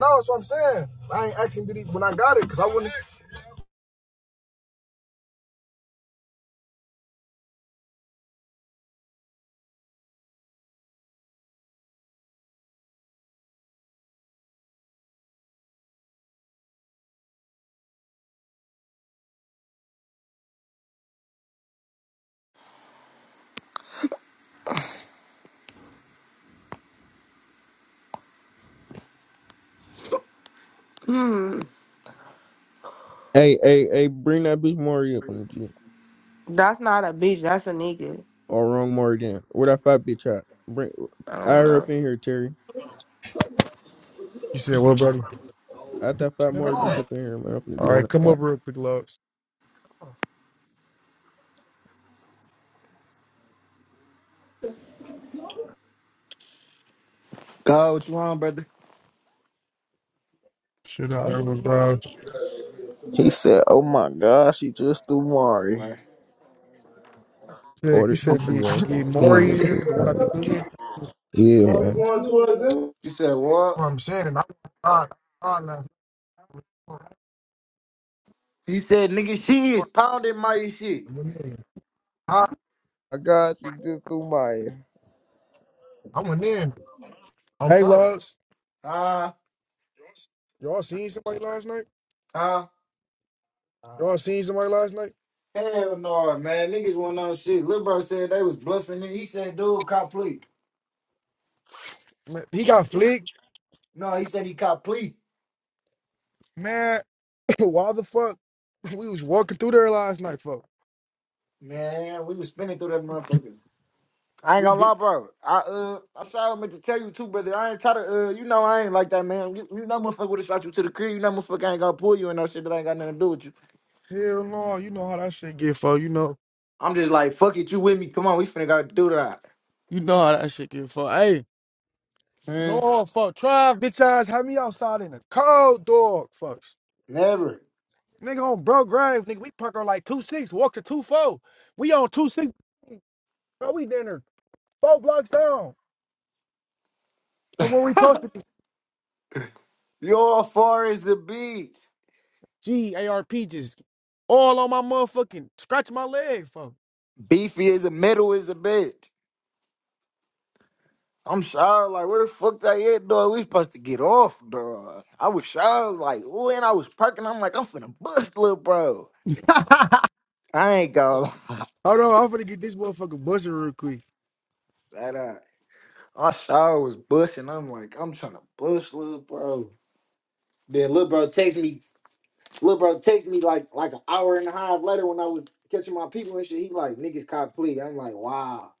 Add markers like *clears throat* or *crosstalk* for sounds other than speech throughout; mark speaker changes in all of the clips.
Speaker 1: No, that's what I'm saying. I ain't asking did he when I got it because I wouldn't.
Speaker 2: Hey, hey, hey, bring that bitch Mari up on the G.
Speaker 3: That's not a bitch. That's a nigga.
Speaker 2: Or wrong Mari, down. Where that fat bitch at? Bring
Speaker 3: I
Speaker 2: I
Speaker 3: don't
Speaker 2: her
Speaker 3: know.
Speaker 2: up in here, Terry.
Speaker 1: You said what, buddy?
Speaker 2: I that fat
Speaker 1: Shit
Speaker 2: Mari bitch
Speaker 1: on.
Speaker 2: up in here, man. I'm finna
Speaker 1: All
Speaker 2: get on
Speaker 1: right, come
Speaker 2: that fat.
Speaker 1: over real quick, Lux.
Speaker 4: God, what you want, brother?
Speaker 1: Shit out, I bro. just That's was uh,
Speaker 5: He said, "Oh my God, she just threw Mari.
Speaker 4: Right, right.
Speaker 1: said you
Speaker 2: Order here
Speaker 1: said
Speaker 2: she
Speaker 1: get
Speaker 2: go. finna
Speaker 1: get more
Speaker 2: ping
Speaker 1: here, the one I be
Speaker 2: it.
Speaker 1: cooking. That's
Speaker 2: Yeah,
Speaker 5: Where
Speaker 2: man.
Speaker 5: we going to it, dude?
Speaker 4: You said what?
Speaker 1: what I'm saying. I I, I, last night.
Speaker 4: He said, nigga, she is pounding my shit.
Speaker 1: I went in. I,
Speaker 5: My God, she just threw Maya."
Speaker 1: I went in on Hey, purpose. Lux,
Speaker 4: Huh?
Speaker 1: y'all seen somebody last night?
Speaker 4: Huh?
Speaker 1: Y'all seen somebody last night?
Speaker 4: Hell no, man. Niggas want on shit. Lil Bro said they was bluffing. And he said, dude, cop plea.
Speaker 1: Man, he got flicked,
Speaker 4: No, he said he cop plea.
Speaker 1: man. *coughs* *clears throat* why the fuck we was walking through there last night, fuck?
Speaker 4: Man, we was spinning through that motherfucker. I ain't
Speaker 1: We
Speaker 4: gonna
Speaker 1: be
Speaker 4: lie, bro. I uh, I sorry I meant to tell you too, brother. I ain't try to uh, you know I ain't like that, man. You, you know, motherfucker would have shot you to the crib. You know, motherfucker ain't gonna pull you and no shit that ain't got nothing to do with you.
Speaker 1: hell no, you know how that shit get, fuck. You know.
Speaker 4: I'm just like, fuck it, you with me? Come on, we finna go do that.
Speaker 1: You know how that shit get fucked. Hey,
Speaker 4: Hmm.
Speaker 1: No, fuck. Trav, bitch ass, had me outside in the cold, dog. Fuck.
Speaker 4: Never.
Speaker 1: Nigga on bro grave, nigga. We park on like 2-6, walk to 2-4. We on 2-6, bro. We dinner. Four blocks down. But when we posted the
Speaker 4: You're far as the beat.
Speaker 1: G-A-R-P just all on my motherfucking, scratching my leg, fuck.
Speaker 4: Beefy as the middle is the bit. I'm shy, like, where the fuck that at, dog? We supposed to get off, dog. I was shy, like, when I was parking, I'm like, I'm finna bust, little bro.
Speaker 1: *laughs*
Speaker 4: I ain't gonna lie.
Speaker 1: Hold on, I'm finna get this motherfucker busted real quick.
Speaker 4: *laughs* Shut up. I shy was busting. I'm like, I'm trying to bust, little bro. Then little bro text me, little bro text me like like an hour and a half later when I was catching my people and shit. He like, niggas caught plea. I'm like, wow.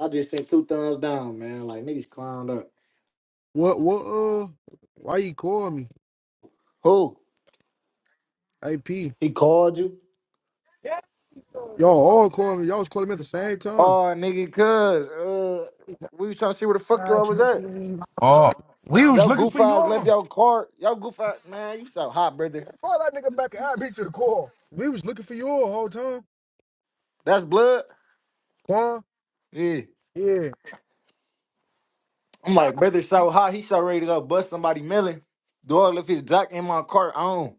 Speaker 4: I just sent two thumbs down, man. Like, niggas climbed up.
Speaker 1: What? What? Uh, why you call me?
Speaker 4: Who?
Speaker 1: AP. Yeah.
Speaker 4: He called you?
Speaker 1: Y'all all call me. Y'all was calling me at the same time.
Speaker 4: Oh, nigga, cuz uh, we was trying to see where the fuck y'all was at.
Speaker 1: Oh, we was
Speaker 4: Y'all
Speaker 1: looking
Speaker 4: goof
Speaker 1: for you
Speaker 4: eyes left
Speaker 1: all.
Speaker 4: y'all card. Y'all goof eyes, man. You so hot, brother.
Speaker 1: Call that nigga back and add me to the call. We was looking for you all the whole time.
Speaker 4: That's blood.
Speaker 1: Quan,
Speaker 4: Yeah.
Speaker 1: Yeah.
Speaker 4: I'm like,
Speaker 1: Top.
Speaker 4: brother, so hot. He so ready to go bust somebody melon. Dog, left his jock in my cart on.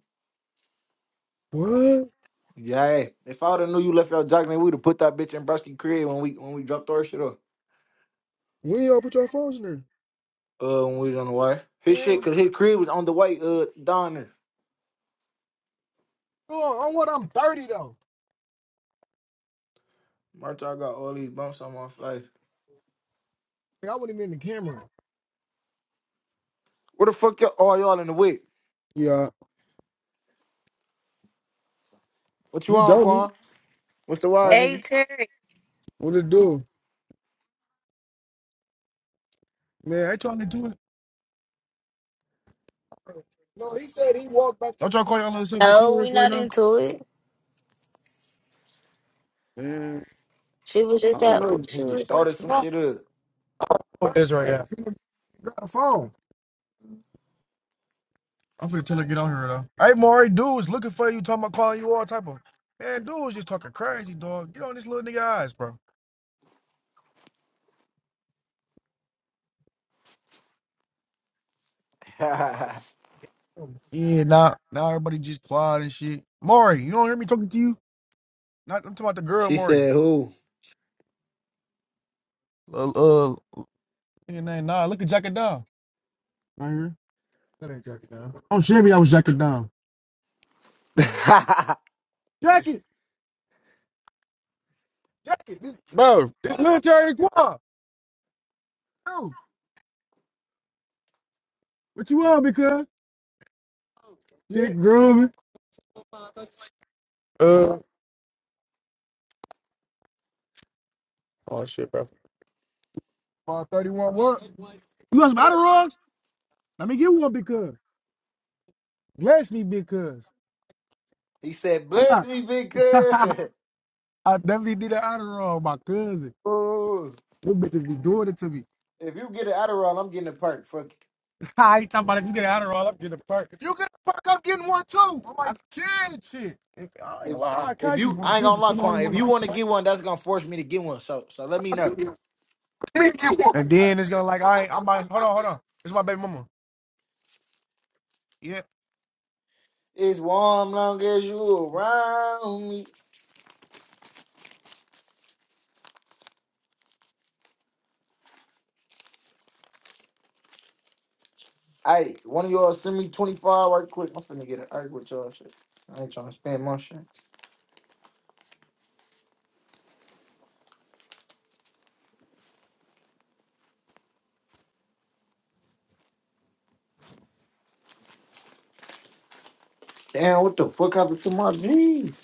Speaker 1: what?
Speaker 4: Yeah. If I would have knew you left your jock, then we'd have put that bitch in Brusky crib when we when we dropped our shit off.
Speaker 1: When y'all put your phones in there?
Speaker 4: Uh, when we was on the way. His
Speaker 1: Yeah.
Speaker 4: shit, cause his crib was on the way. Uh, down there.
Speaker 1: Oh, on what I'm 30 though.
Speaker 4: March, I got all these bumps on my face.
Speaker 1: Like, I wouldn't even in the camera.
Speaker 4: Where the fuck y'all? All y'all in the whip?
Speaker 1: Yeah,
Speaker 4: What you
Speaker 1: you
Speaker 4: want,
Speaker 1: don't need.
Speaker 4: Quan? What's the
Speaker 1: Uh,
Speaker 4: wire,
Speaker 6: Hey
Speaker 4: nigga?
Speaker 6: Terry.
Speaker 1: what it do? Man, I ain't trying to do it. No, he said he walked back Don't y'all call y'all yourself a
Speaker 6: No,
Speaker 1: tour
Speaker 6: we
Speaker 1: right
Speaker 6: not
Speaker 1: now?
Speaker 6: into it.
Speaker 1: Man,
Speaker 6: She was
Speaker 1: I
Speaker 6: just
Speaker 1: don't
Speaker 4: He
Speaker 6: at
Speaker 1: know.
Speaker 6: she
Speaker 4: he just
Speaker 6: was
Speaker 4: started
Speaker 6: just
Speaker 4: some shit up.
Speaker 1: What is right now? He got a phone. I'm finna tell her to get on here though. Hey, Maury, dudes looking for you. Talking about calling you all type of man. dudes just talking crazy, dog. Get on this little nigga eyes, bro.
Speaker 4: *laughs*
Speaker 1: Yeah, now now everybody just quiet and shit. Maury, you don't hear me talking to you? Not I'm talking about the girl,
Speaker 4: She
Speaker 1: Maury.
Speaker 4: said, "Who?
Speaker 1: Uh, uh nigga name, nah. Look at Jacket Down. Right here. That ain't Jacket Down. I'm sure I was Jacket Down.
Speaker 4: *laughs*
Speaker 1: Jacket, Jacket, this, bro. This military quad. Yo, what you on, because? Dick grooving. Uh. Oh shit, bro. Five thirty one. What? You want some Adderall? Let me get one because. Bless me because.
Speaker 4: he said, "Bless
Speaker 1: Why
Speaker 4: me, big cuz." *laughs*
Speaker 1: not? *laughs* I definitely did an Adderall, my cousin.
Speaker 4: Ooh,
Speaker 1: Those bitches be doing it to me.
Speaker 4: if you get an Adderall, I'm getting a perk. Fuck it.
Speaker 1: *laughs* I ain't talking about if you get an honor I'm getting a perk. If you get a perk, I'm getting one too. I'm like, kid and shit. If, I ain't gonna
Speaker 4: If
Speaker 1: lie, I
Speaker 4: if
Speaker 1: cash you
Speaker 4: you,
Speaker 1: want
Speaker 4: I
Speaker 1: to
Speaker 4: ain't
Speaker 1: get
Speaker 4: gonna
Speaker 1: it. You
Speaker 4: lie,
Speaker 1: know, you
Speaker 4: Quan. If
Speaker 1: want
Speaker 4: you want to get one, that's gonna force me to get one. So so let me
Speaker 1: to
Speaker 4: know.
Speaker 1: *laughs* get one. And then it's gonna like, all right, I'm like, hold on, hold on. It's my baby mama. Yeah.
Speaker 4: It's warm long as you around me. Hey, one of y'all send me twenty five right quick. I'm finna get an arc with y'all shit. I ain't trying to spend my shit. Damn, what the fuck happened to my jeans?